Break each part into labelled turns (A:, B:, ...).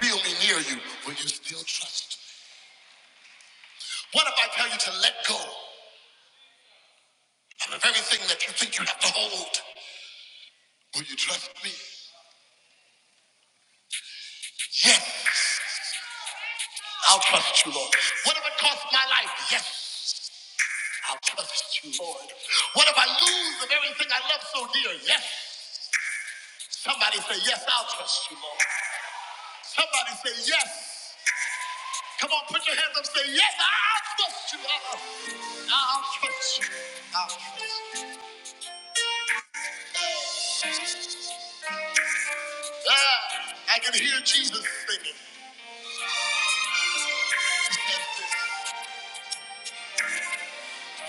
A: feel me near you, will you still trust? me? What if I tell you to let go of everything that you think you have to hold? Will you trust me? Yes, I'll trust you, Lord. What if it costs my life? Yes, I'll trust you, Lord. What if I lose the very thing I love so dear? Yes. Somebody say, yes, I'll trust you, Lord. Somebody say, yes. Come on, put your hands up, say, yes, I'll trust you, Lord. I'll trust you. I'll trust you. Ah, I can hear Jesus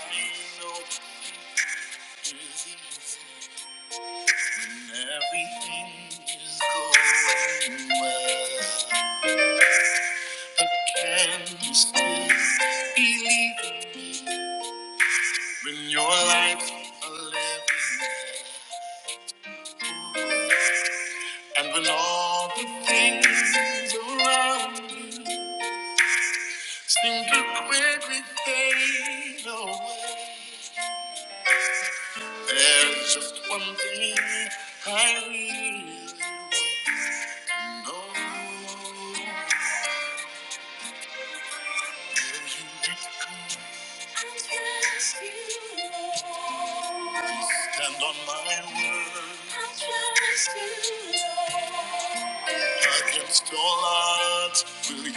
A: singing. Everything is going well. I can still believe when your life's a living, and when all the things around you seem to quickly fade away. There's just one thing I really trust you, Lord. I trust you, Lord. I can Will you I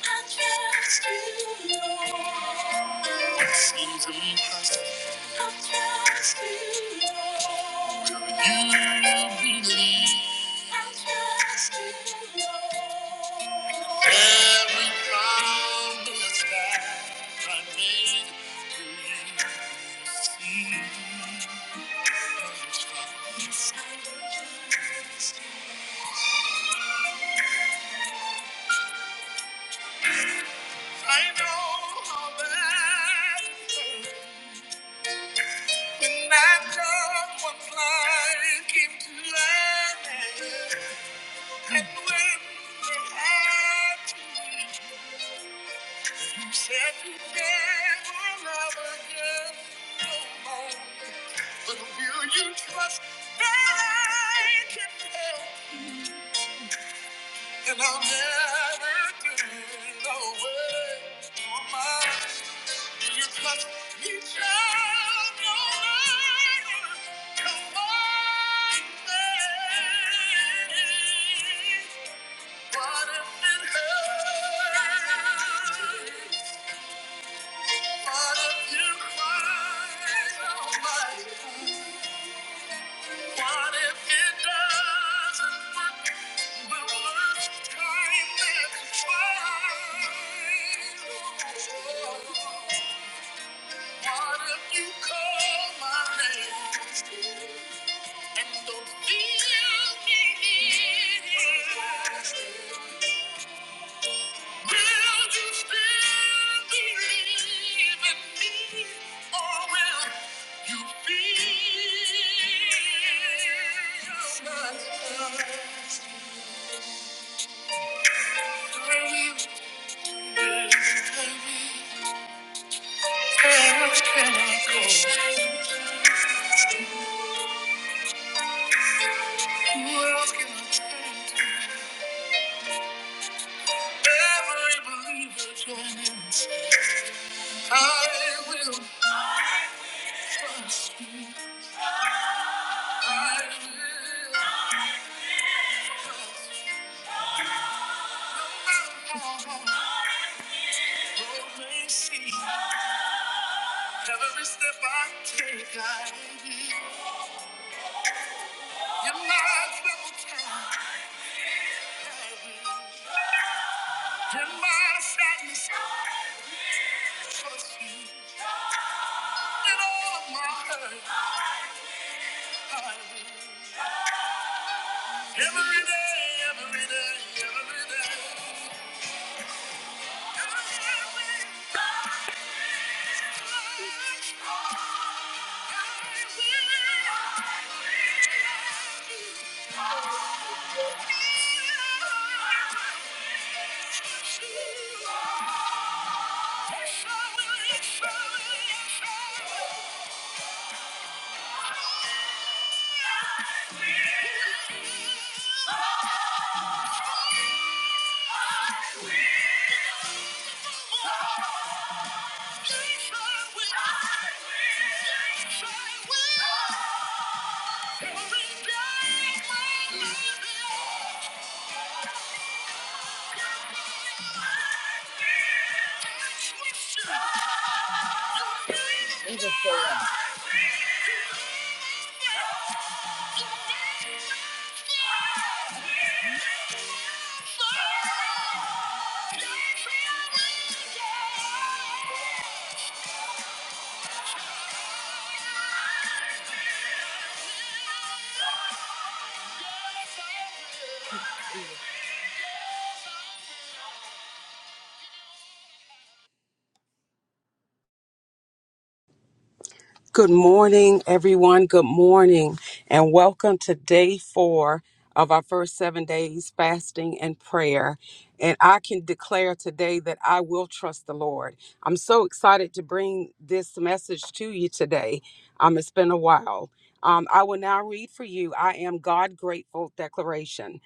A: trust you, Lord. I trust you, Lord. Will you believe? I trust you, Lord. Every promise that I made, will you see? I know that when that dog was flying into land, and when they had to leave, you said you never love again no more. But will you trust that I can help? And I'll never turn away from my What if you call my name? Every believer join in. I will, I will. Every step I take, I leave you. are my double time, You're my sadness, I trust you. In all of my hurt, I will. Every day, every day, every day. I will. trust you. I will. I will love you. I will trust you. Yeah.
B: Good morning, everyone. Good morning, and welcome to day four of our first seven days fasting and prayer. And I can declare today that I will trust the Lord. I'm so excited to bring this message to you today. Um, it's been a while. Um, I will now read for you I Am God Grateful Declaration.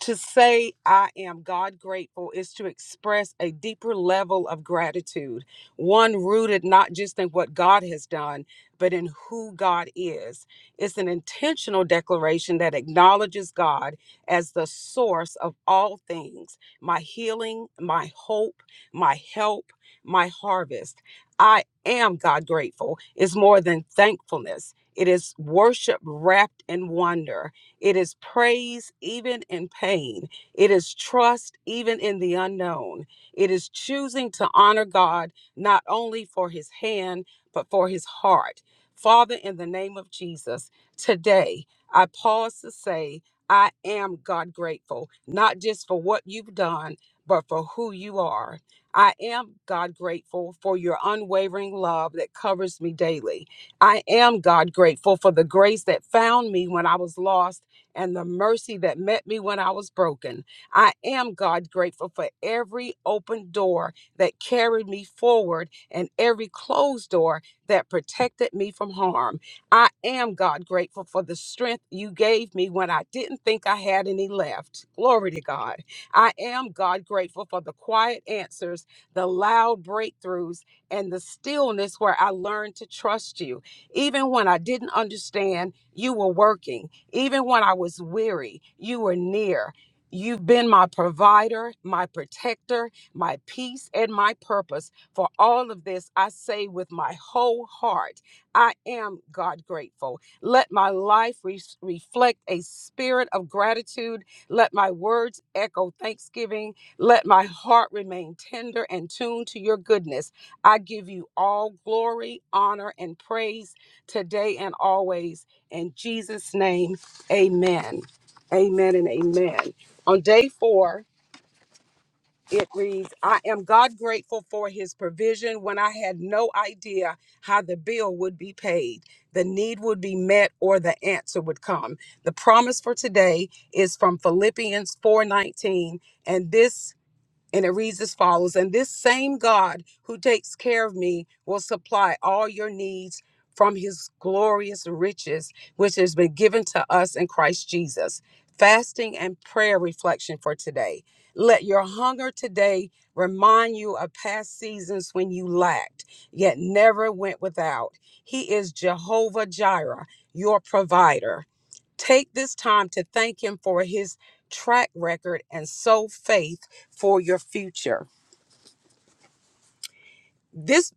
B: To say I am God grateful is to express a deeper level of gratitude, one rooted not just in what God has done, but in who God is. It's an intentional declaration that acknowledges God as the source of all things my healing, my hope, my help, my harvest. I am God grateful is more than thankfulness, it is worship wrapped in wonder. It is praise even in pain. It is trust even in the unknown. It is choosing to honor God not only for his hand, but for his heart. Father, in the name of Jesus, today I pause to say, I am God grateful, not just for what you've done, but for who you are. I am God grateful for your unwavering love that covers me daily. I am God grateful for the grace that found me when I was lost and the mercy that met me when I was broken. I am, God, grateful for every open door that carried me forward and every closed door that protected me from harm. I am, God, grateful for the strength you gave me when I didn't think I had any left. Glory to God. I am, God, grateful for the quiet answers, the loud breakthroughs, and the stillness where I learned to trust you. Even when I didn't understand, you were working. Even when I was weary, you were near. You've been my provider, my protector, my peace, and my purpose. For all of this, I say with my whole heart, I am God grateful. Let my life re- reflect a spirit of gratitude. Let my words echo thanksgiving. Let my heart remain tender and tuned to your goodness. I give you all glory, honor, and praise today and always. In Jesus' name, Amen. Amen and amen. On day four, it reads, I am God grateful for his provision when I had no idea how the bill would be paid, the need would be met, or the answer would come. The promise for today is from Philippians 4:19, and this and it reads as follows And this same God who takes care of me will supply all your needs from his glorious riches, which has been given to us in Christ Jesus. Fasting and prayer reflection for today. Let your hunger today remind you of past seasons when you lacked, yet never went without. He is Jehovah Jireh, your provider. Take this time to thank Him for His track record and sow faith for your future this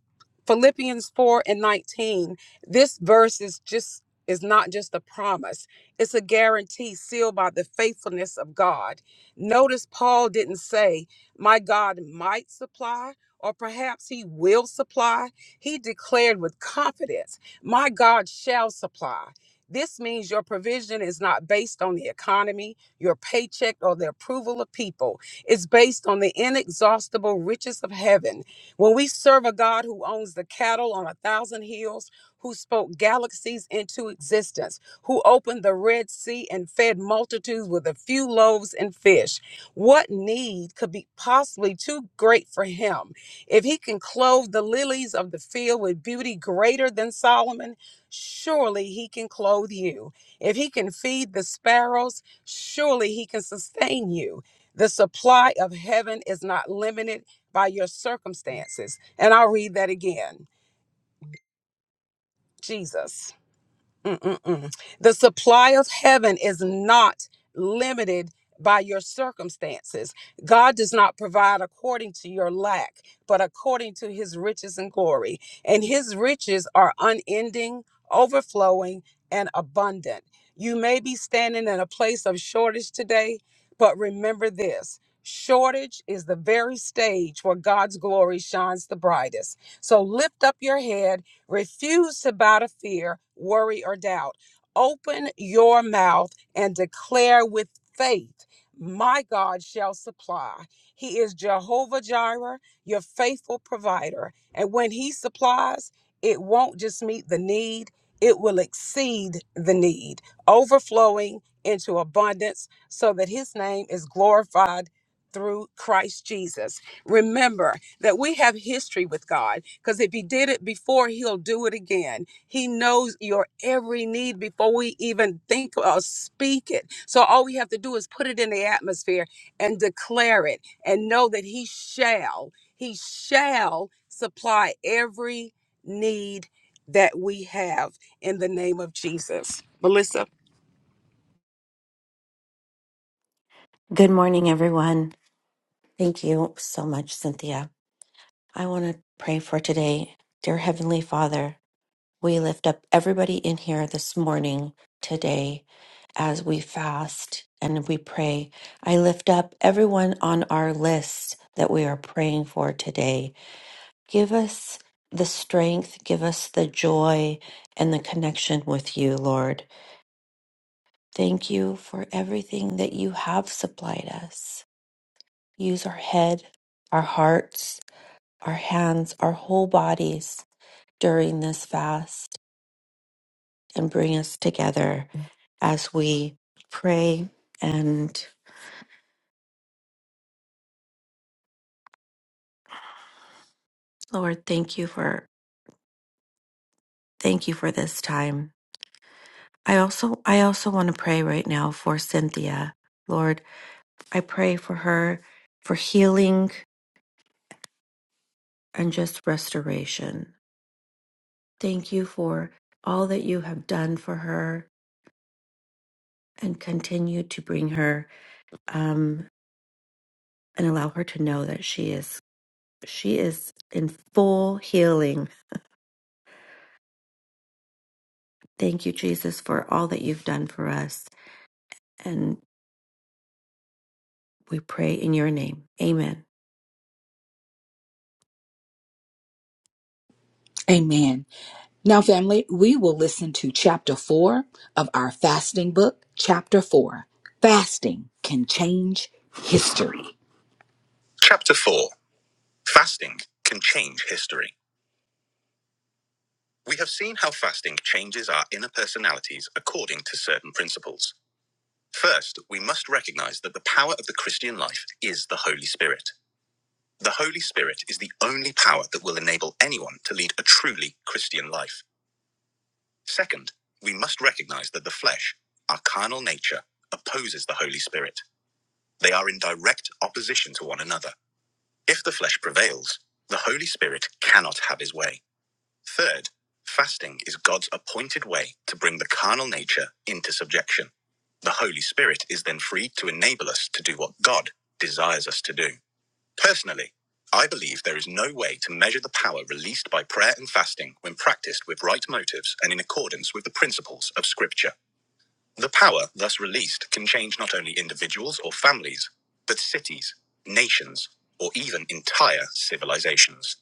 B: Philippians 4 and 19, this verse is just is not just a promise. It's a guarantee sealed by the faithfulness of God. Notice Paul didn't say, "My God might supply" or perhaps he will supply. He declared with confidence, "My God shall supply." This means your provision is not based on the economy, your paycheck, or the approval of people. It's based on the inexhaustible riches of heaven when we serve a God who owns the cattle on a thousand hills, who spoke galaxies into existence, who opened the Red Sea and fed multitudes with a few loaves and fish, what need could be possibly too great for him? If he can clothe the lilies of the field with beauty greater than Solomon, surely he can clothe you. If he can feed the sparrows, surely he can sustain you. The supply of heaven is not limited by your circumstances. And I'll read that again. Jesus. Mm-mm-mm. The supply of heaven is not limited by your circumstances. God does not provide according to your lack, but according to his riches and glory. And his riches are unending, overflowing, and abundant. You may be standing in a place of shortage today, but remember this. Shortage is the very stage where God's glory shines the brightest. So lift up your head Refuse to bow to fear, worry, or doubt. Open your mouth and declare with faith, My God shall supply. He is Jehovah Jireh, your faithful provider. And when He supplies, it won't just meet the need, it will exceed the need, overflowing into abundance so that His name is glorified through Christ Jesus. Remember, that we have history with God because if He did it before, He'll do it again. He knows your every need before we even think or speak it. So all we have to do is put it in the atmosphere and declare it and know that He shall, He shall supply every need that we have in the name of Jesus. Melissa?
C: Good morning, everyone. Thank you so much, Cynthia. I want to pray for today. Dear Heavenly Father, we lift up everybody in here this morning, today, as we fast and we pray. I lift up everyone on our list that we are praying for today. Give us the strength, give us the joy and the connection with you, Lord. Thank you for everything that you have supplied us. Use our head, our hearts, our hands, our whole bodies during this fast and bring us together as we pray. And Lord, thank you for thank you for this time. I also I also want to pray right now for Cynthia. Lord, I pray for her for healing and just restoration. Thank you for all that you have done for her and continue to bring her um, and allow her to know that she is She is in full healing. Thank you, Jesus, for all that you've done for us. And we pray in your name. Amen.
A: Amen. Now, family, we will listen to chapter four of our fasting book. Chapter four Fasting Can Change History. Chapter four Fasting Can Change History. We have seen how fasting changes our inner personalities according to certain principles. First, we must recognize that the power of the Christian life is the Holy Spirit. The Holy Spirit is the only power that will enable anyone to lead a truly Christian life. Second, we must recognize that the flesh, our carnal nature, opposes the Holy Spirit. They are in direct opposition to one another. If the flesh prevails, the Holy Spirit cannot have his way. Third, fasting is God's appointed way to bring the carnal nature into subjection. The Holy Spirit is then free to enable us to do what God desires us to do. Personally, I believe there is no way to measure the power released by prayer and fasting when practiced with right motives and in accordance with the principles of Scripture. The power thus released can change not only individuals or families, but cities, nations, or even entire civilizations.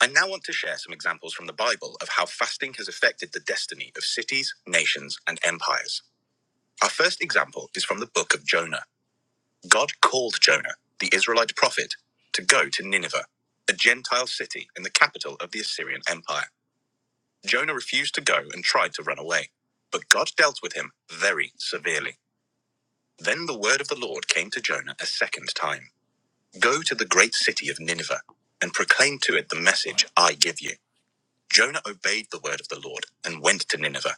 A: I now want to share some examples from the Bible of how fasting has affected the destiny of cities, nations, and empires. Our first example is from the book of Jonah. God called Jonah, the Israelite prophet, to go to Nineveh, a Gentile city in the capital of the Assyrian Empire. Jonah refused to go and tried to run away, but God dealt with him very severely. Then the word of the Lord came to Jonah a second time Go to the great city of Nineveh and proclaim to it the message I give you. Jonah obeyed the word of the Lord and went to Nineveh.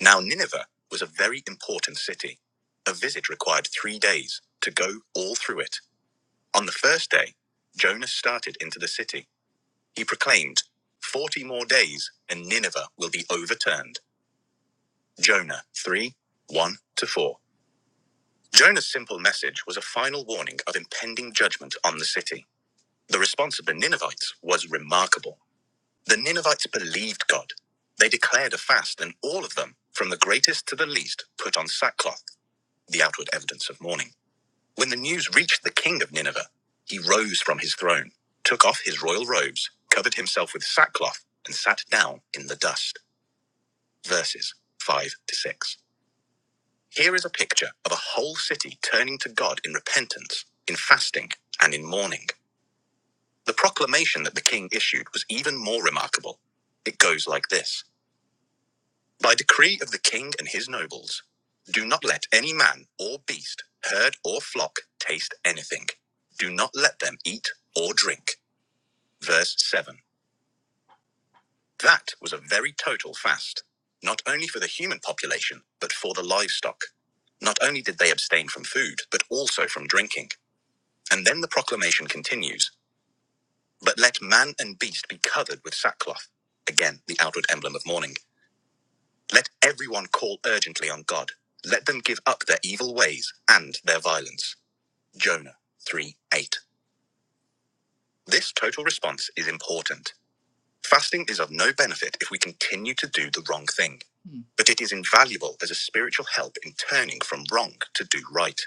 A: Now, Nineveh was a very important city. A visit required three days to go all through it On the first day, Jonas started into the city. He proclaimed, 40 more days and Nineveh will be overturned. Jonah 3 1 to 4. Jonah's simple message was a final warning of impending judgment on the city. The response of the Ninevites was remarkable. The Ninevites believed God. They declared a fast, and all of them, from the greatest to the least, put on sackcloth, the outward evidence of mourning. When the news reached the king of Nineveh, he rose from his throne, took off his royal robes, covered himself with sackcloth, and sat down in the dust. Verses 5 to 6. Here is a picture of a whole city turning to God in repentance, in fasting, and in mourning. The proclamation that the king issued was even more remarkable. It goes like this. By decree of the king and his nobles, do not let any man or beast, herd or flock taste anything. Do not let them eat or drink. Verse 7. That was a very total fast, not only for the human population, but for the livestock. Not only did they abstain from food, but also from drinking. And then the proclamation continues But let man and beast be covered with sackcloth. Again, the outward emblem of mourning Let everyone call urgently on God. Let them give up their evil ways and their violence. Jonah 3 8. This total response is important. Fasting is of no benefit if we continue to do the wrong thing, Hmm. but it is invaluable as a spiritual help in turning from wrong to do right.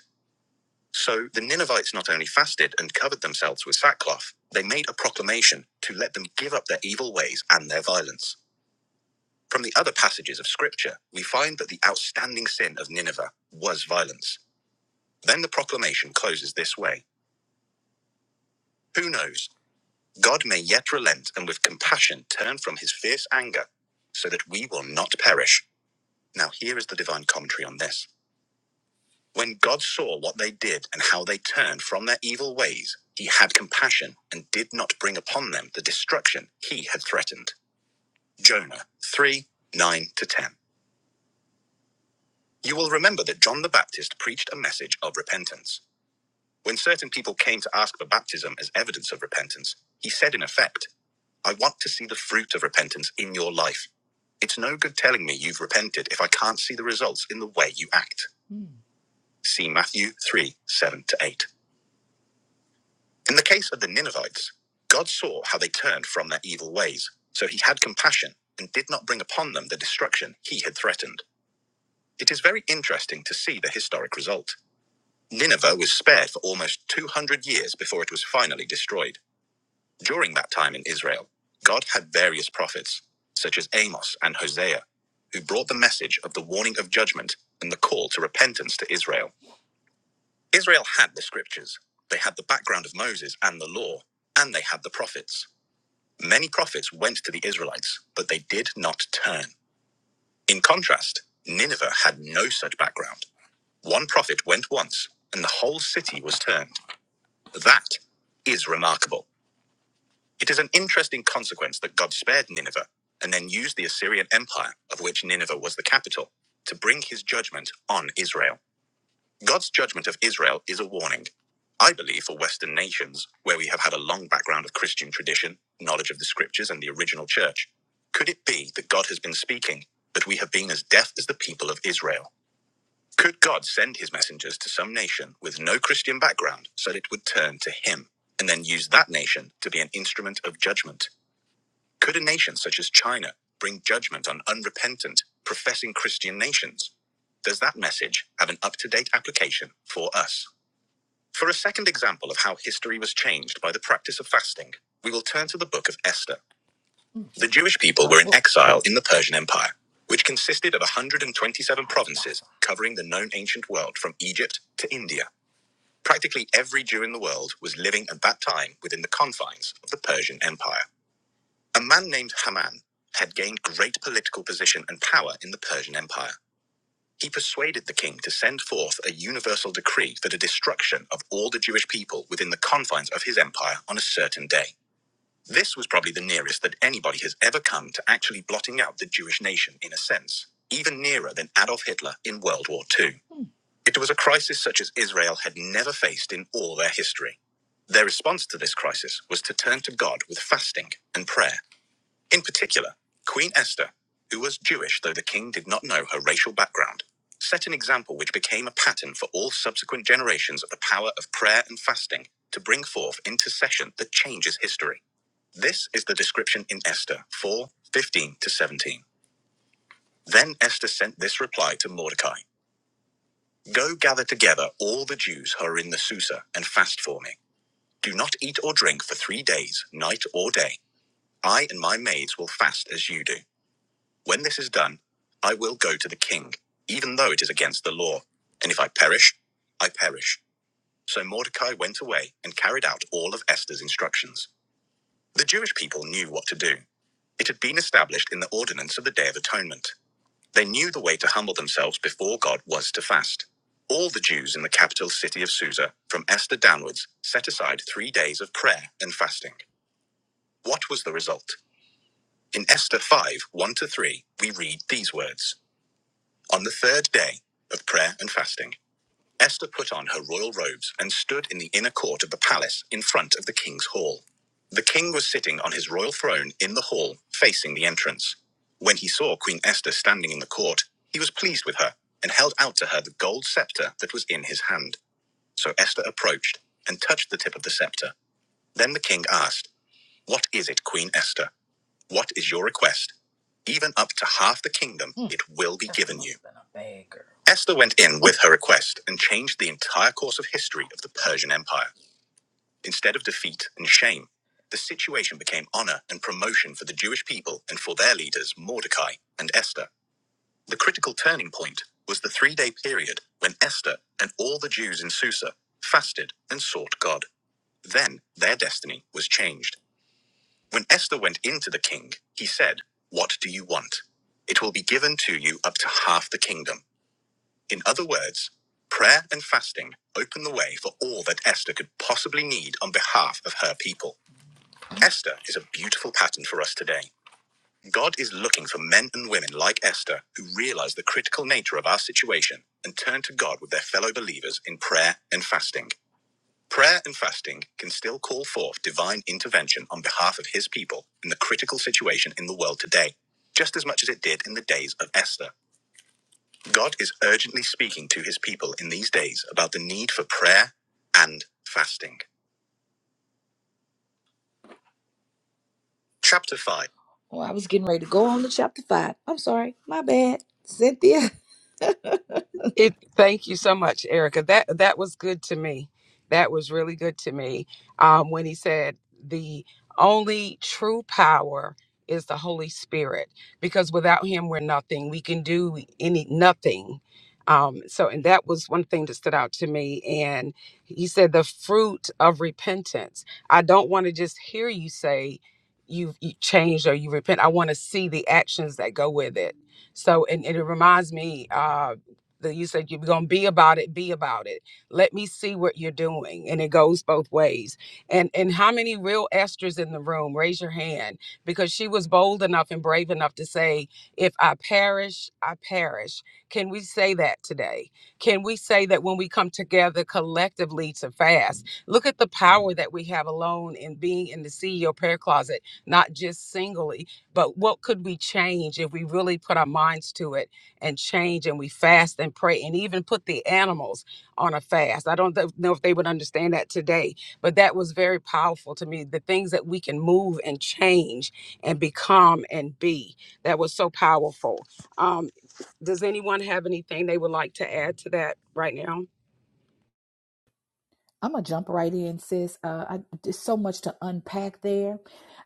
A: So the Ninevites not only fasted and covered themselves with sackcloth, they made a proclamation to let them give up their evil ways and their violence. From the other passages of Scripture, we find that the outstanding sin of Nineveh was violence. Then the proclamation closes this way Who knows? God may yet relent and with compassion turn from his fierce anger so that we will not perish. Now, here is the divine commentary on this. When God saw what they did and how they turned from their evil ways, he had compassion and did not bring upon them the destruction he had threatened. Jonah 3 9 to 10. You will remember that John the Baptist preached a message of repentance. When certain people came to ask for baptism as evidence of repentance, he said in effect, I want to see the fruit of repentance in your life. It's no good telling me you've repented if I can't see the results in the way you act. See Matthew 3 7 to 8. In the case of the Ninevites, God saw how they turned from their evil ways, so he had compassion and did not bring upon them the destruction he had threatened. It is very interesting to see the historic result. Nineveh was spared for almost 200 years before it was finally destroyed. During that time in Israel, God had various prophets, such as Amos and Hosea, who brought the message of the warning of judgment and the call to repentance to Israel. Israel had the scriptures, they had the background of Moses and the law, and they had the prophets. Many prophets went to the Israelites, but they did not turn. In contrast, Nineveh had no such background. One prophet went once, and the whole city was turned. That is remarkable. It is an interesting consequence that God spared Nineveh and then used the Assyrian Empire, of which Nineveh was the capital, to bring his judgment on Israel. God's judgment of Israel is a warning. I believe for Western nations, where we have had a long background of Christian tradition, knowledge of the scriptures, and the original church, could it be that God has been speaking, but we have been as deaf as the people of Israel? Could God send his messengers to some nation with no Christian background so that it would turn to him and then use that nation to be an instrument of judgment? Could a nation such as China bring judgment on unrepentant, professing Christian nations? Does that message have an up to date application for us? For a second example of how history was changed by the practice of fasting, we will turn to the book of Esther. The Jewish people were in exile in the Persian Empire, which consisted of 127 provinces covering the known ancient world from Egypt to India. Practically every Jew in the world was living at that time within the confines of the Persian Empire. A man named Haman had gained great political position and power in the Persian Empire. He persuaded the king to send forth a universal decree for the destruction of all the Jewish people within the confines of his empire on a certain day. This was probably the nearest that anybody has ever come to actually blotting out the Jewish nation in a sense, even nearer than Adolf Hitler in World War Two. It was a crisis such as Israel had never faced in all their history. Their response to this crisis was to turn to God with fasting and prayer. In particular, Queen Esther, who was Jewish though the king did not know her racial background, set an example which became a pattern for all subsequent generations of the power of prayer and fasting to bring forth intercession that changes history. This is the description in Esther 4:15 to 17. Then Esther sent this reply to Mordecai Go gather together all the Jews who are in the Susa and fast for me. Do not eat or drink for three days, night or day. I and my maids will fast as you do. When this is done, I will go to the king, even though it is against the law. And if I perish, I perish. So Mordecai went away and carried out all of Esther's instructions. The Jewish people knew what to do. It had been established in the ordinance of the Day of Atonement. They knew the way to humble themselves before God was to fast. All the Jews in the capital city of Susa, from Esther downwards, set aside three days of prayer and fasting. What was the result? In Esther 5 1 to 3, we read these words On the third day of prayer and fasting, Esther put on her royal robes and stood in the inner court of the palace in front of the king's hall. The king was sitting on his royal throne in the hall, facing the entrance. When he saw Queen Esther standing in the court, he was pleased with her and held out to her the gold scepter that was in his hand. So Esther approached and touched the tip of the scepter. Then the king asked, What is it, Queen Esther? What is your request? Even up to half the kingdom, Hmm. it will be given you. Esther went in with her request and changed the entire course of history of the Persian Empire. Instead of defeat and shame, the situation became honor and promotion for the Jewish people and for their leaders, Mordecai and Esther. The critical turning point was the three day period when Esther and all the Jews in Susa fasted and sought God. Then their destiny was changed. When Esther went into the king, he said, What do you want? It will be given to you up to half the kingdom. In other words, prayer and fasting open the way for all that Esther could possibly need on behalf of her people. Esther is a beautiful pattern for us today. God is looking for men and women like Esther who realize the critical nature of our situation and turn to God with their fellow believers in prayer and fasting. Prayer and fasting can still call forth divine intervention on behalf of his people in the critical situation in the world today, just as much as it did in the days of Esther. God is urgently speaking to his people in these days about the need for prayer and fasting. Chapter 5. Oh, I was getting ready to go on to chapter 5. I'm sorry. My bad. Cynthia.
B: It thank you so much, Erica. That that was good to me. That was really good to me. Um, when he said the only true power is the Holy Spirit, because without Him we're nothing. We can do any nothing. Um, so, and that was one thing that stood out to me. And he said the fruit of repentance. I don't want to just hear you say you've you changed or you repent. I want to see the actions that go with it. So, and, and it reminds me. Uh, that you said you're going to be about it be about it let me see what you're doing and it goes both ways and and how many real esters in the room raise your hand because she was bold enough and brave enough to say if i perish i perish can we say that today can we say that when we come together collectively to fast look at the power that we have alone in being in the ceo prayer closet not just singly but what could we change if we really put our minds to it and change and we fast and pray and even put the animals on a fast. I don't th- know if they would understand that today, but that was very powerful to me. The things that we can move and change and become and be. That was so powerful. Um, does anyone have anything they would like to add to that right now?
A: I'm going to jump right in, sis. Uh, I, there's so much to unpack there.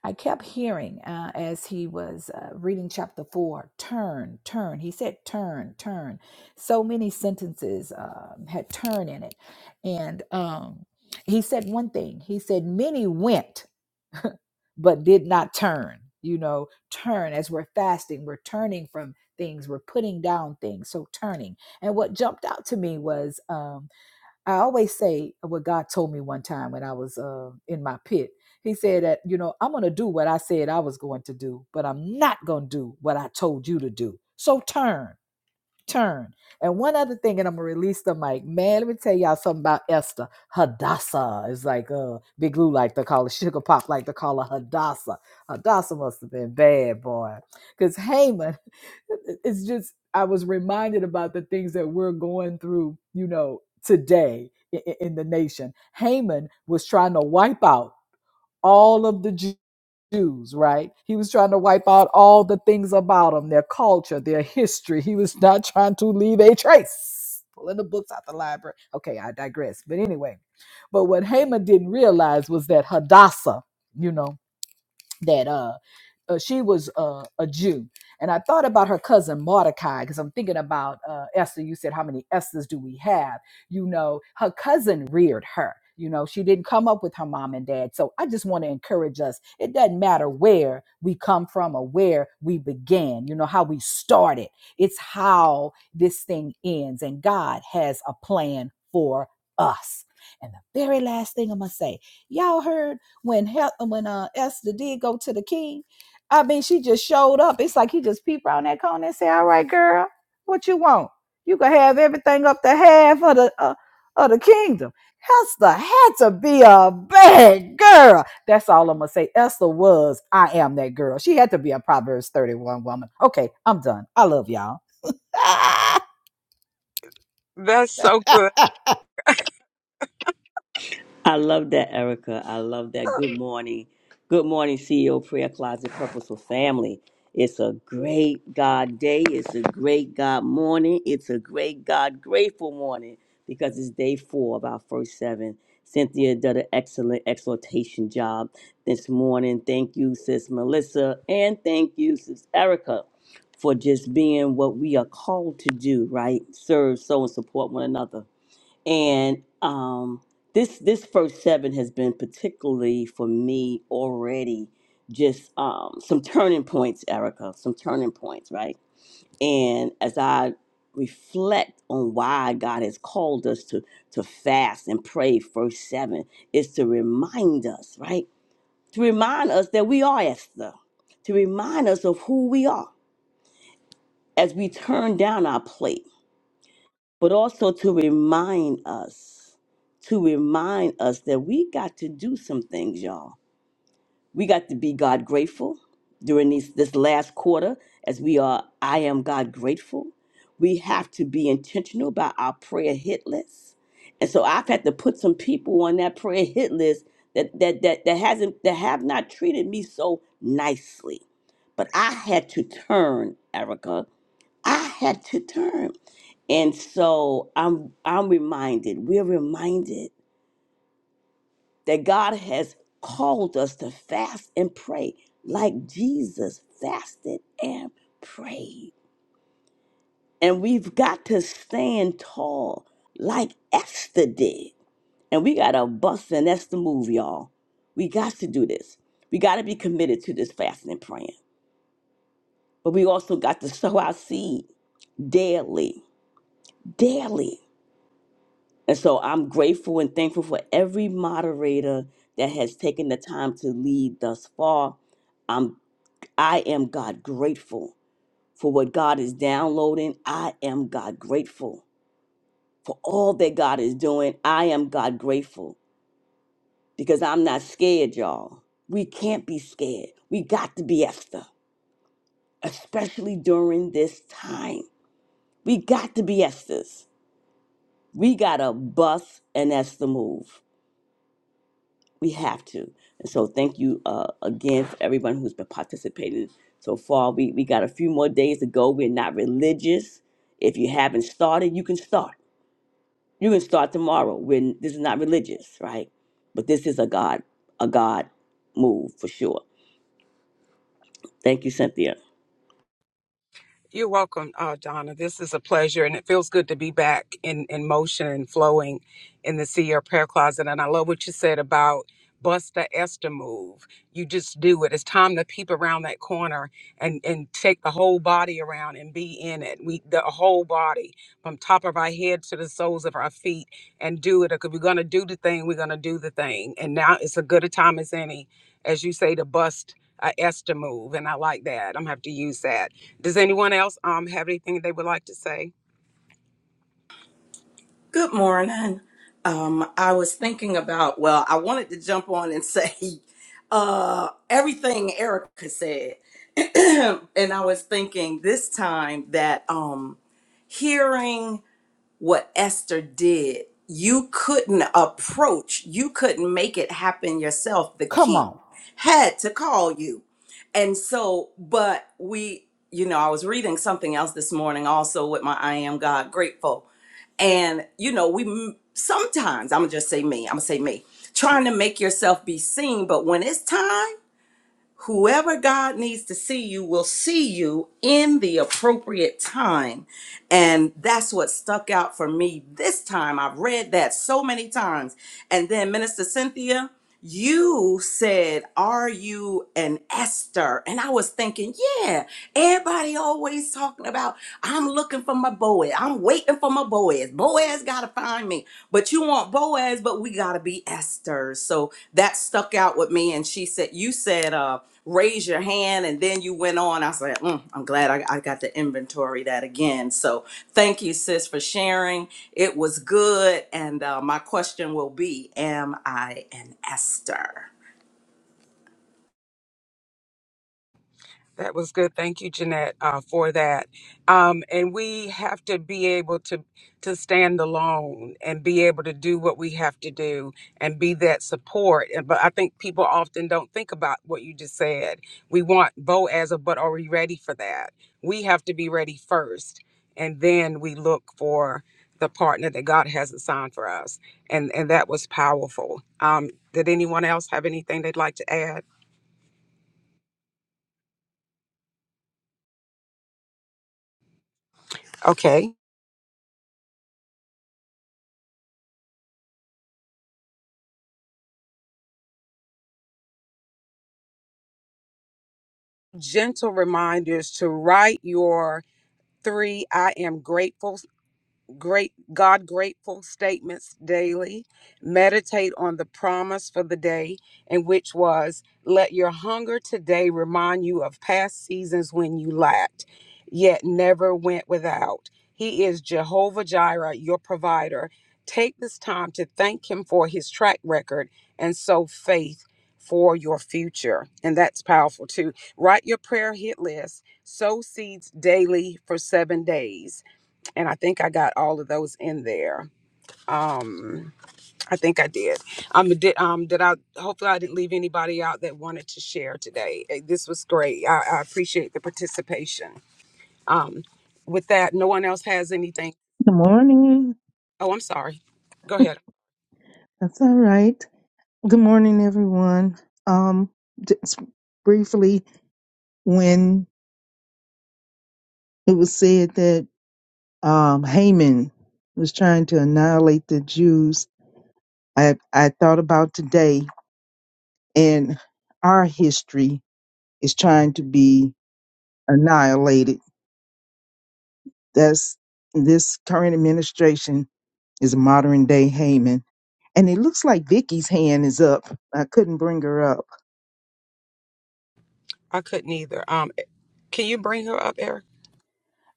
A: I kept hearing uh, as he was uh, reading chapter 4 turn, turn. He said turn, turn. So many sentences um, had turn in it. And um, he said one thing. He said, Many went. but did not turn. You know, turn as we're fasting, we're turning from things, we're putting down things. So turning. And what jumped out to me was um, I always say what God told me one time when I was uh, in my pit. He said that, you know, I'm going to do what I said I was going to do, but I'm not going to do what I told you to do. So turn turn. And one other thing, and I'm gonna release the mic. Man, let me tell y'all something about Esther. Hadassah is like uh Big Lou like to call her sugar pop, like to call her Hadassah. Hadassah must have been bad, boy. Because Haman, it's just I was reminded about the things that we're going through, you know, today in, in the nation. Haman was trying to wipe out all of the Jews Jews, right? He was trying to wipe out all the things about them, their culture, their history. He was not trying to leave a trace. Pulling the books out the library. Okay, I digress. But anyway, but what Haman didn't realize was that Hadassah, you know that uh, uh she was uh, a Jew, and I thought about her cousin Mordecai because I'm thinking about uh, Esther. You said how many Esthers do we have? You know, her cousin reared her. You know, she didn't come up with her mom and dad. So I just want to encourage us. It doesn't matter where we come from or where we began, you know, how we started. It's how this thing ends. And God has a plan for us. And the very last thing I'm going to say, y'all heard when Hel- when uh, Esther did go to the king, I mean, she just showed up. It's like he just peeped around that corner and said, "All right, girl, what you want? You can have everything up to half of the uh, of the kingdom." Esther had to be a bad girl. That's all I'm gonna say. Esther was. I am that girl. She had to be a Proverbs 31 woman. Okay, I'm done. I love y'all.
B: That's so good.
D: I love that, Erica. I love that. Good morning. Good morning, CEO Prayer Closet Purposeful Family. It's a great God day. It's a great God morning. It's a great God grateful morning because it's day four of our first seven. Cynthia did an excellent exhortation job this morning. Thank you, Sis Melissa, and thank you, Sis Erica, for just being what we are called to do, right? Serve, sow, and support one another and um, this this first seven has been particularly for me already just um, some turning points, Erica. Some turning points, right? And as I reflect on why God has called us to to fast and pray first seven is to remind us, right? To remind us that we are Esther. To remind us of who we are as we turn down our plate but also to remind us, to remind us that we got to do some things, y'all. We got to be God grateful during these, this last quarter as we are, I am God grateful. We have to be intentional about our prayer hit list. And so I've had to put some people on that prayer hit list that, that, that, that hasn't, that have not treated me so nicely. But I had to turn, Erica. I had to turn. And so I'm I'm reminded, we're reminded that God has called us to fast and pray like Jesus fasted and prayed. And we've got to stand tall like Esther did. And we got to bust and that's the move, y'all. We got to do this. We got to be committed to this fasting and praying. But we also got to sow our seed daily, daily. And so I'm grateful and thankful for every moderator that has taken the time to lead thus far. I'm I am God grateful for what God is downloading. I am God grateful for all that God is doing. I am God grateful because I'm not scared, y'all. We can't be scared. We got to be Esther, especially during this time. We got to be Esther's. We got to bust an Esther move. we have to. And so thank you uh, again for everyone who's been participating so far. We we got a few more days to go. We're not religious. If you haven't started, you can start. You can start tomorrow. When this is not religious, right? But this is a God a God move for sure. Thank you, Cynthia.
B: You're welcome, uh, Donna. This is a pleasure, and it feels good to be back in, in motion and flowing in the CEO prayer closet. And I love what you said about bust the Esther move. You just do it. It's time to peep around that corner and and take the whole body around and be in it. We the whole body from top of our head to the soles of our feet and do it. If we're gonna do the thing, we're gonna do the thing. And now it's a good a time as any, as you say, to bust. I asked to move, and I like that. I'm gonna have to use that. Does anyone else um have anything they would like to say?
E: Good morning. Um, I was thinking about, well, I wanted to jump on and say uh, everything Erica said. and I was thinking this time that um, hearing what Esther did. You couldn't approach, you couldn't make it happen yourself. The
A: Come
E: king
A: on.
E: had to call you. And so, but we, you know, I was reading something else this morning also with my I Am God Grateful. And, you know, we m- sometimes, I'm gonna just say me, I'm gonna say me, trying to make yourself be seen. But when it's time, whoever God needs to see you will see you in the appropriate time. And that's what stuck out for me this time. I've read that so many times. And then, Minister Cynthia, you said, Are you an Esther? And I was thinking, Yeah, everybody always talking about, I'm looking for my Boaz. I'm waiting for my Boaz. Boaz got to find me. But you want Boaz, but we got to be Esther. So that stuck out with me. And she said, You said, uh, raise your hand and then you went on i said mm, i'm glad I, I got to inventory that again so thank you sis for sharing it was good and uh, my question will be am i an esther
B: That was good. Thank you, Jeanette, uh, for that. Um, and we have to be able to to stand alone and be able to do what we have to do and be that support. And- But I think people often don't think about what you just said. We want Boaz, but are we ready for that? We have to be ready first, and then we look for the partner that God has assigned for us. And and that was powerful. Um, did anyone else have anything they'd like to add? Okay. gentle reminders to write your three I am grateful great God grateful statements daily. Meditate on the promise for the day, and which was, let your hunger today remind you of past seasons when you lacked, yet never went without. He is Jehovah Jireh, your provider. Take this time to thank him for his track record and sow faith for your future. And that's powerful too. Write your prayer hit list, sow seeds daily for seven days and I think I got all of those in there. Um, I think I did. Um, did um, did I? Hopefully, I didn't leave anybody out that wanted to share today. Eh, This was great. I, I appreciate the participation. Um, with that, no one else has anything.
F: Good morning.
B: Oh, I'm sorry. Go ahead.
F: That's all right. Good morning, everyone. Um, just briefly, when it was said that um, Haman was trying to annihilate the Jews, I, I thought about today, and our history is trying to be annihilated. That's this current administration is a modern day Haman, and it looks like Vicky's hand is up. I couldn't bring her up
B: I couldn't either. Um, eh, can you bring her up, Eric?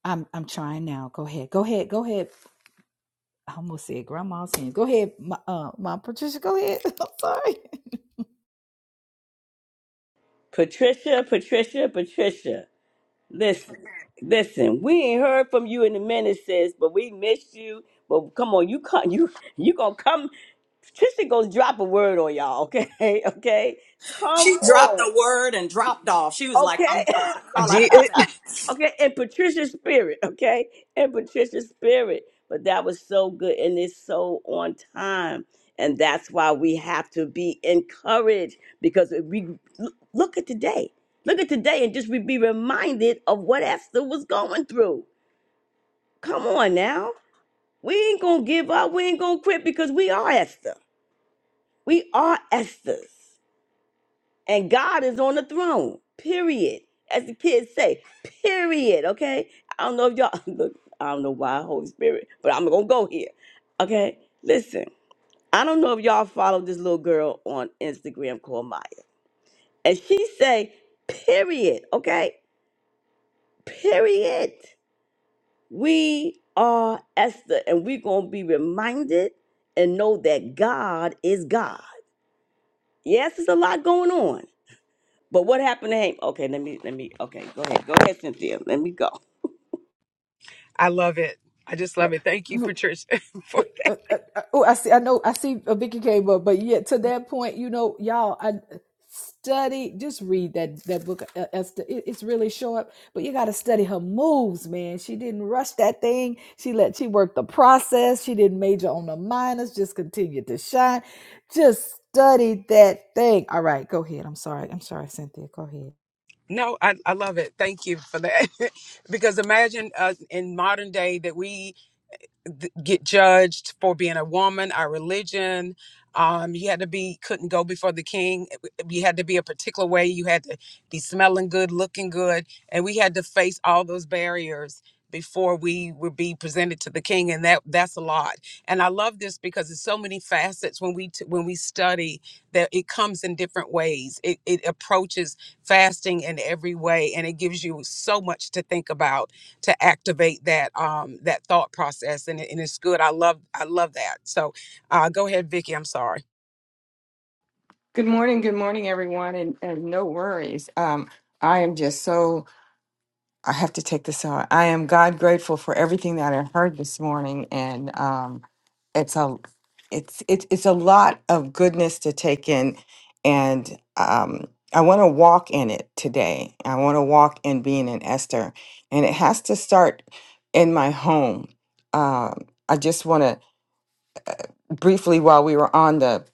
A: I'm I'm trying now. Go ahead. Go ahead. Go ahead. I almost said grandma's sins. Go ahead, my, uh, my Patricia. Go ahead. I'm sorry.
D: Patricia, Patricia, Patricia. Listen, listen. We ain't heard from you in a minute, sis. But we missed you. But come on, you come. You you gonna come? Trisha gonna drop a word on y'all. Okay, okay. Come
E: she dropped
D: on.
E: the word and dropped off she was like i'm
D: Okay,
E: done that's all i had
B: Did
E: to say
D: okay. In Patricia's spirit. Okay, in Patricia's spirit. But that was so good, and it's so on time. And that's why we have to be encouraged because if we look look at today. Look at today and just we be reminded of what Esther was going through. Come on now. We ain't going to give up. We ain't going to quit because we are Esther. We are Esther's. And God is on the throne, period. As the kids say, period. Okay? I don't know if y'all, look, I don't know why, Holy Spirit, but I'm going to go here. Okay? Listen, I don't know if y'all follow this little girl on Instagram called Maya. And she say, period. Okay? Period. We are Esther, and we're going to be reminded and know that God is God. Yes, there's a lot going on. But what happened to Haman? Okay, let me, let me, okay, go ahead. Go ahead, Cynthia. Let me go.
B: I love it? I just love it. Thank you,
A: Uh,
B: Patricia. for
A: The- uh, uh, uh, oh, I see. I know. I see. A Vicky came up, but yet to
B: Mm.
A: that point, you know, y'all, I study. Just read that that book. uh, Esther. It- It's really short, but you got to study her moves, man. She didn't rush that thing. She let she worked the process. She didn't major on the minors. Just continued to shine. Just study that thing. All right, go ahead. I'm sorry. I'm sorry, Cynthia. Go ahead.
B: No, I, I love it. Thank you for that. because imagine us in modern day that we th- get judged for being a woman, our religion. Um, you had to be couldn't go before the king. You had to be a particular way. You had to be smelling good, looking good, and we had to face all those barriers before we would be presented to the king, and that that's a lot. And I love this because there's so many facets when we t- when we study that it comes in different ways. It it approaches fasting in every way, and it gives you so much to think about to activate that um that thought process and, it- and it's good i love i love that so uh go ahead vicky i'm sorry
G: Good morning, good morning, everyone, and, and no worries. Um, I am just so I have to take this out. I am God grateful for everything that I heard this morning, and um, it's a it's it's it's a lot of goodness to take in, and um, I want to walk in it today. I want to walk in being an Esther, and it has to start in my home. Um, I just want to briefly, while we were on the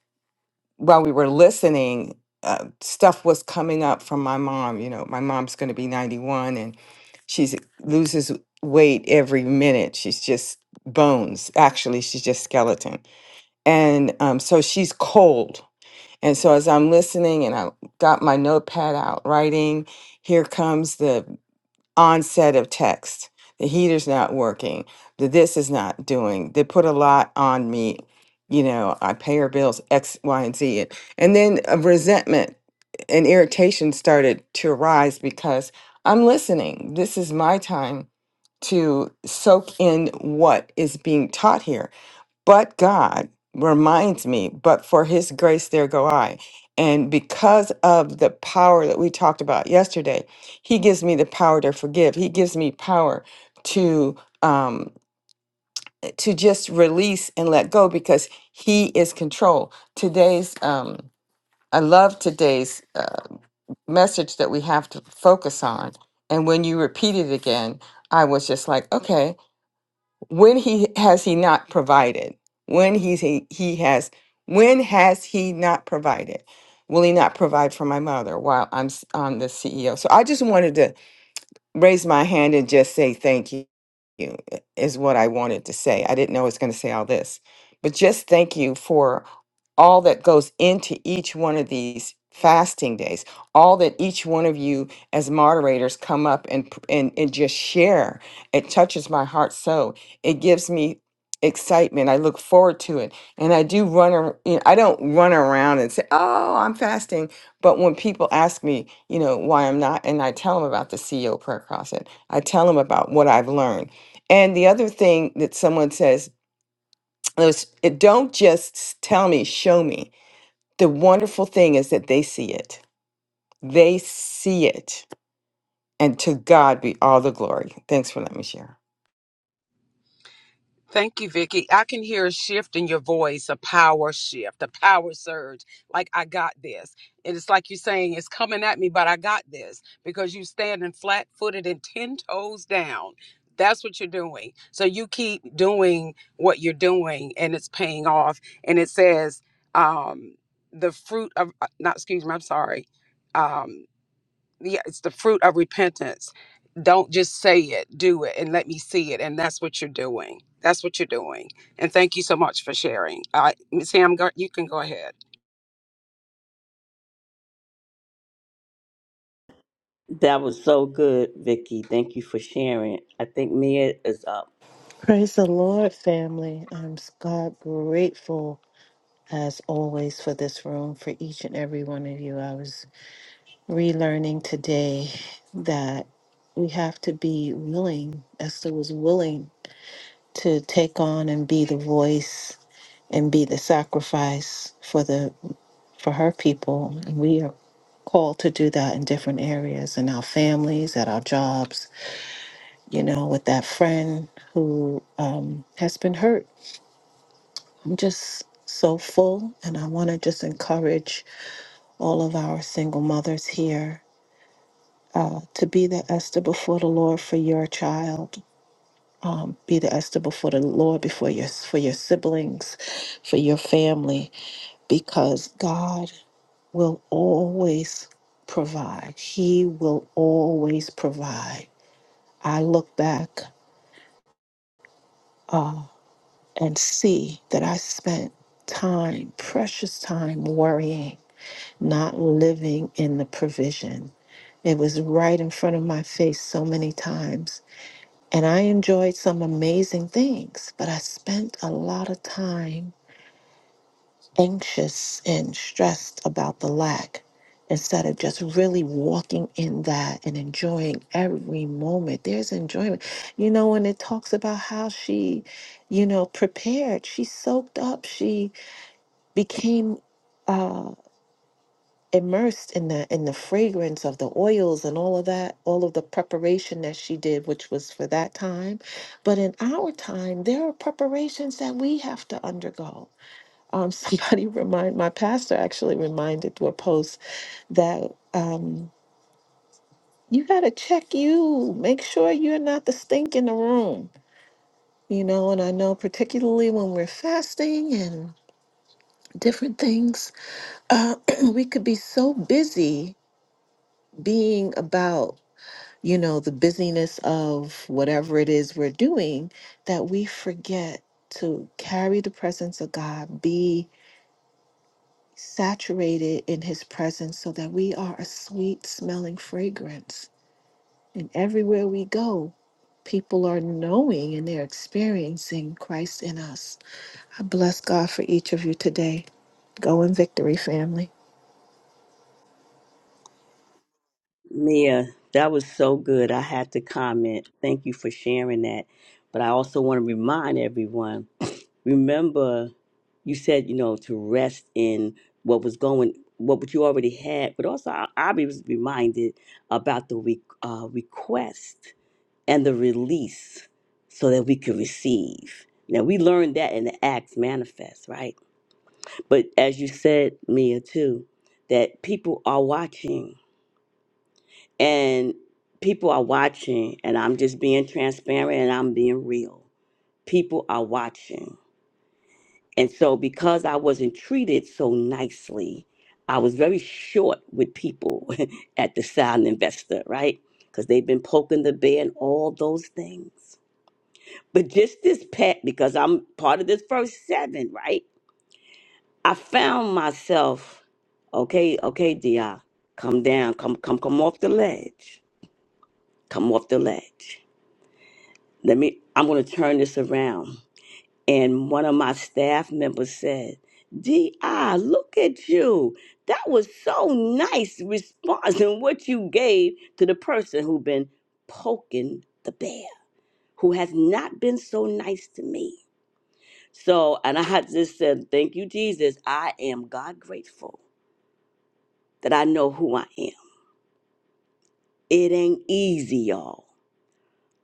G: while we were listening, uh, stuff was coming up from my mom. You know, my mom's going to be 91 and she's uh, loses weight every minute. She's just bones. Actually, she's just skeleton. And um, so she's cold. And so as I'm listening and I got my notepad out writing, here comes the onset of text. The heater's not working. The this is not doing. They put a lot on me. You know, I pay her bills X, Y, and Z. And, and then a resentment and irritation started to arise because I'm listening. This is my time to soak in what is being taught here but God reminds me, but for his grace there go I. And because of the power that we talked about yesterday, he gives me the power to forgive. He gives me power to um to just release and let go because he is control. Today's um I love today's uh, message that we have to focus on. And when you repeat it again, I was just like, okay, when he has he not provided when he's he, he has when has he not provided will he not provide for my mother while i'm s- I'm the ceo so i just wanted to raise my hand and just say thank you you, is what I wanted to say. I didn't know it was going to say all this, but just thank you for all that goes into each one of these fasting days. All that each one of you as moderators come up and p- and, and just share. It touches my heart so. It gives me excitement. I look forward to it. And I do run ar- you know, I don't run around and say, "Oh, I'm fasting." But when people ask me, you know, why I'm not, and I tell them about the CEO prayer closet, I tell them about what I've learned. And the other thing that someone says is, "It- don't just s- tell me, show me. The wonderful thing is that they see it. They see it. And to God be all the glory. Thanks for letting me share.
B: Thank you, Vicky. I can hear a shift in your voice, a power shift, a power surge. Like I got this. And it's like you're saying it's coming at me, but I got this because you standing flat footed and ten toes down. That's what you're doing. So you keep doing what you're doing and it's paying off. And it says, um, the fruit of uh, not excuse me, I'm sorry. Um, yeah, it's the fruit of repentance. Don't just say it, do it, and let me see it. And that's what you're doing. That's what you're doing. And thank you so much for sharing. Uh, Sam, go, you can go ahead.
D: That was so good, Vicky. Thank you for sharing. I think Mia is up.
H: Praise the Lord, family. I'm s- God grateful as always for this room, for each and every one of you. I was relearning today that we have to be willing, Esther was willing to take on and be the voice and be the sacrifice for the for her people. And we are called to do that in different areas in our families, at our jobs, you know, with that friend who um, has been hurt just so full. And I want to just encourage all of our single mothers here uh, to be the Esther before the Lord for your child. Um, be the Esther before the Lord, before your for your siblings, for your family, because God will always provide. He will always provide. I look back uh, and see that I spent time, precious time, worrying not living in the provision. It was right in front of my face so many times. And I enjoyed some amazing things, but I spent a lot of time anxious and stressed about the lack instead of just really walking in that and enjoying every moment. There's enjoyment. You know, when it talks about how she, you know, prepared, she soaked up, she became. uh, immersed in that in the fragrance of the oils and all of that all of the preparation that she did which was for that time but in our time there are preparations that we have to undergo um somebody remind my pastor actually reminded to a post that um you got to check you make sure you're not the stink in the room you know and i know particularly when we're fasting and different things uh we could be so busy being about you know, the busyness of whatever it is we're doing, that we forget to carry the presence of God, be saturated in His presence so that we are a sweet smelling fragrance. And everywhere we go, people are knowing and they're experiencing Christ in us. I bless God for each of you today. Go in victory, family.
D: Mia, that was so good. I had to comment. Thank you for sharing that. But I also want to remind everyone remember, you said, you know, to rest in what was going, what what you already had. But also, I, I was reminded about the re- uh, request and the release so that we could receive. Now, we learned that in the Acts manifest, right? But as you said, Mia, too, that people are watching and people are watching and i'm just being transparent and i'm being real people are watching and so because i wasn't treated so nicely i was very short with people at the sound investor right because they've been poking the bear and all those things but just this pet because i'm part of this first seven right i found myself okay okay dia come down come come come off the ledge come off the ledge let me i'm going to turn this around and one of my staff members said di look at you that was so nice response and what you gave to the person who been poking the bear who has not been so nice to me so and i just said thank you jesus i am god grateful that i know who i am it ain't easy y'all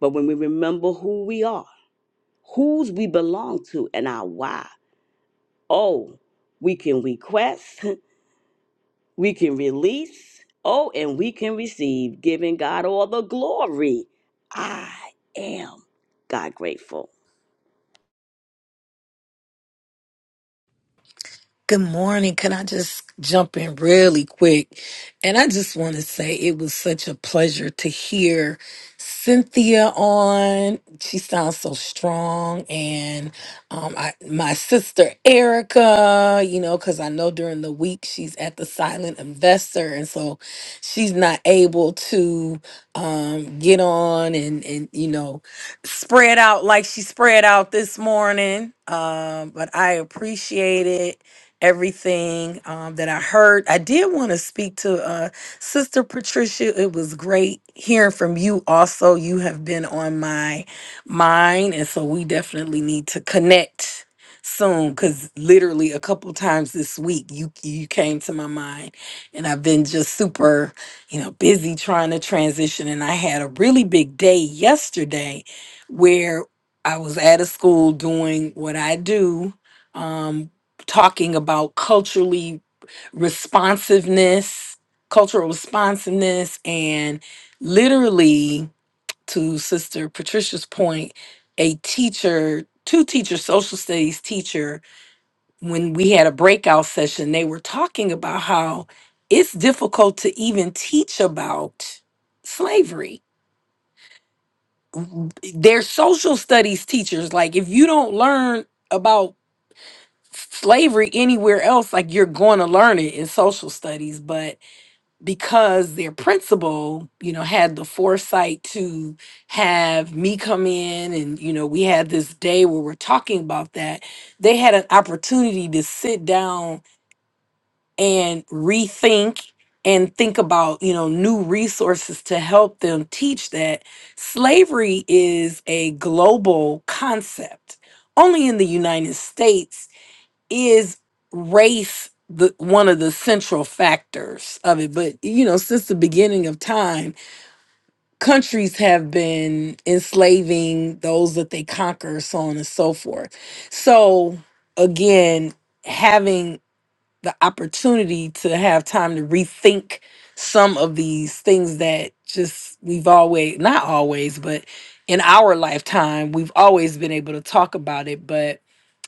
D: but when we remember who we are whose we belong to and our why Oh, we can request, we can release, oh, and we can receive, giving God all the glory. I am God grateful.
I: Good morning. Can I just jump in really quick? And I just want to say it was such a pleasure to hear Cynthia on. She sounds so strong. And um, I, my sister Erica, you know, because I know during the week she's at the Silent Investor. And so she's not able to um, get on and, and, you know, spread out like she spread out this morning. Um, but I appreciate it everything um, that I heard. I did want to speak to uh, Sister Patricia. It was great hearing from you. Also, you have been on my mind, and so we definitely need to connect soon because literally a couple times this week you you came to my mind and i've been just super you know busy trying to transition and i had a really big day yesterday where i was at a school doing what i do um, talking about culturally responsiveness, cultural responsiveness, and literally, to Sister Patricia's point, a teacher, two teacher, social studies teacher, when we had a breakout session, they were talking about how it's difficult to even teach about slavery. They're social studies teachers. Like, if you don't learn about slavery anywhere else, like you're going to learn it in social studies, but because their principal, you know, had the foresight to have me come in and, you know, we had this day where we're talking about that, they had an opportunity to sit down and rethink and think about, you know, new resources to help them teach that slavery is a global concept. Only in the United States is race the one of the central factors of it but you know since the beginning of time countries have been enslaving those that they conquer so on and so forth so again having the opportunity to have time to rethink some of these things that just we've always not always but in our lifetime we've always been able to talk about it but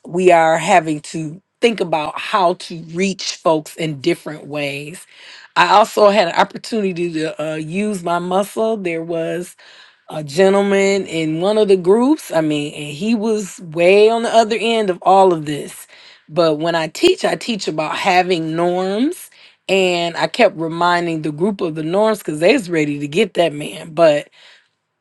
I: we are having to think about how to reach folks in different ways i also had an opportunity to uh, use my muscle there was a gentleman in one of the groups. I mean, and he was way on the other end of all of this. But when I teach, I teach about having norms. And I kept reminding the group of the norms because they was ready to get that man. But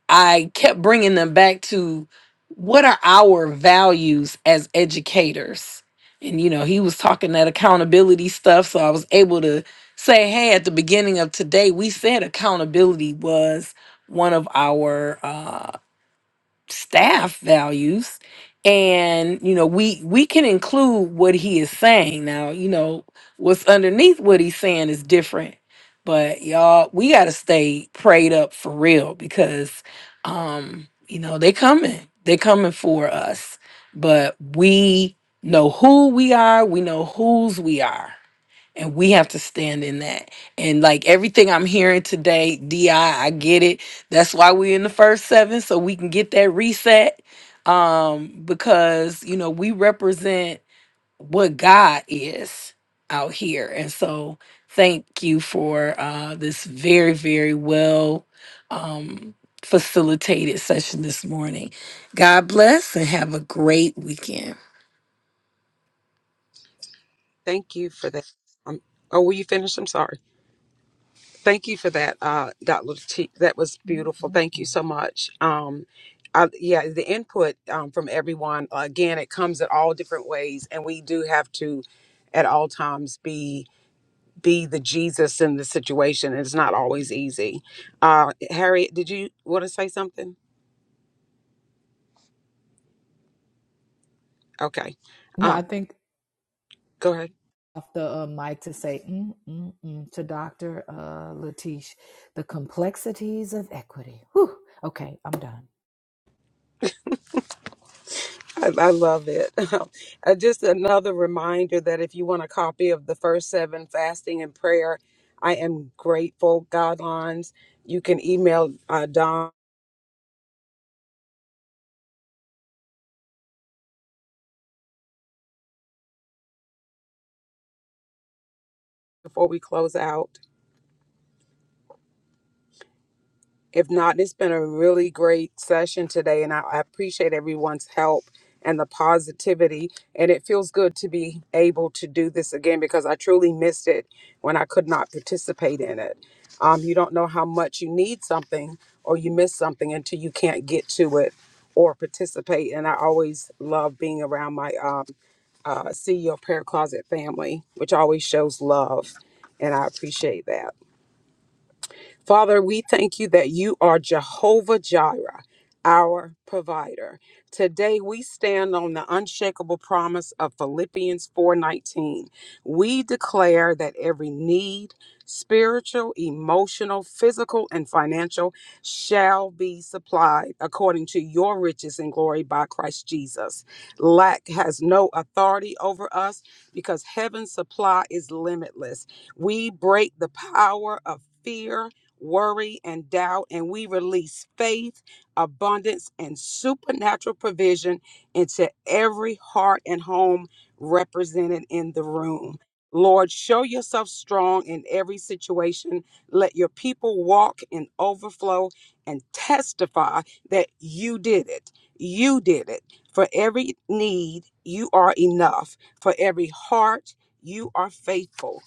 I: I kept bringing them back to what are our values as educators? And, you know, he was talking that accountability stuff. So I was able to say, hey, at the beginning of today, we said accountability was one of our uh, staff values and you know we we can include what he is saying now you know what's underneath what he's saying is different but y'all we got to stay prayed up for real because um you know they coming they coming for us but we know who we are we know whose we are and we have to stand in that. And like everything I'm hearing today, DI, I I get it. That's why we're in the first seven, so we can get that reset. Um, because, you know, we represent what God is out here. And so thank you for uh this very, very well um facilitated session this morning. God bless and have a great weekend.
B: Thank you for that. Um, oh, will you finish? I'm sorry. Thank you for that, uh, Dr. T. That was
A: Mm,
B: beautiful.
A: mm,
B: Thank you
A: mm.
B: so much. Um, I, yeah, the input um, from everyone, again, it comes in all different ways, and we do have to at all times be be the Jesus in the situation. It's not always easy. Uh, Harriet, did you want to say something? Okay.
A: No,
B: Um,
A: I think
B: go ahead.
A: off the uh, mic to say mm, mm, mm, to Dr. Uh, Latish, the complexities of equity. Whew. Okay, I'm done.
B: I, I love it. Uh, Just another reminder that if you want a copy of the first seven fasting and prayer, I am grateful guidelines, you can email uh, Don before we close out. If not, it's been a really great session today, and I, I appreciate everyone's help and the positivity. And it feels good to be able to do this again because I truly missed it when I could not participate in it. Um, you don't know how much you need something or you miss something until you can't get to it or participate. And I always love being around my um, uh, CEO Prayer Closet family, which always shows love, and I appreciate that. Father, we thank you that you are Jehovah Jireh, our provider. Today we stand on the unshakable promise of Philippians 4:19. We declare that every need, spiritual, emotional, physical, and financial shall be supplied according to your riches and glory by Christ Jesus. Lack has no authority over us because heaven's supply is limitless. We break the power of fear worry, and doubt, and we release faith, abundance, and supernatural provision into every heart and home represented in the room. Lord, show yourself strong in every situation. Let your people walk in overflow and testify that you did it. You did it. For every need, you are enough. For every heart, you are faithful.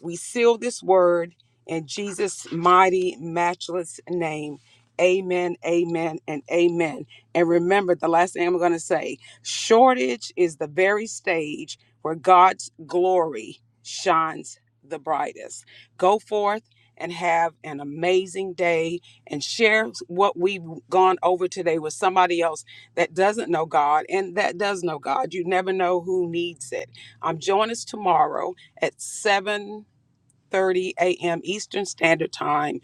B: We seal this word in Jesus' mighty, matchless name. Amen, amen, and amen. And remember, the last thing I'm going to say shortage is the very stage where God's glory shines the brightest. Go forth and have an amazing day and share what we've gone over today with somebody else that doesn't know God and that does know God. You never know who needs it. Um, join us tomorrow at 7 30 a.m. Eastern Standard Time.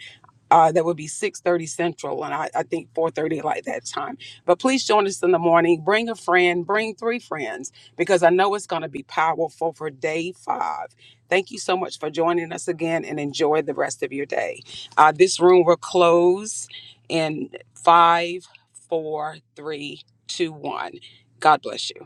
B: Uh, that would be 6:30 Central, and I, I think 4:30 like that time. But please join us in the morning. Bring a friend. Bring three friends because I know it's going to be powerful for day five. Thank you so much for joining us again, and enjoy the rest of your day. Uh, this room will close in five, four, three, two, one. God bless you.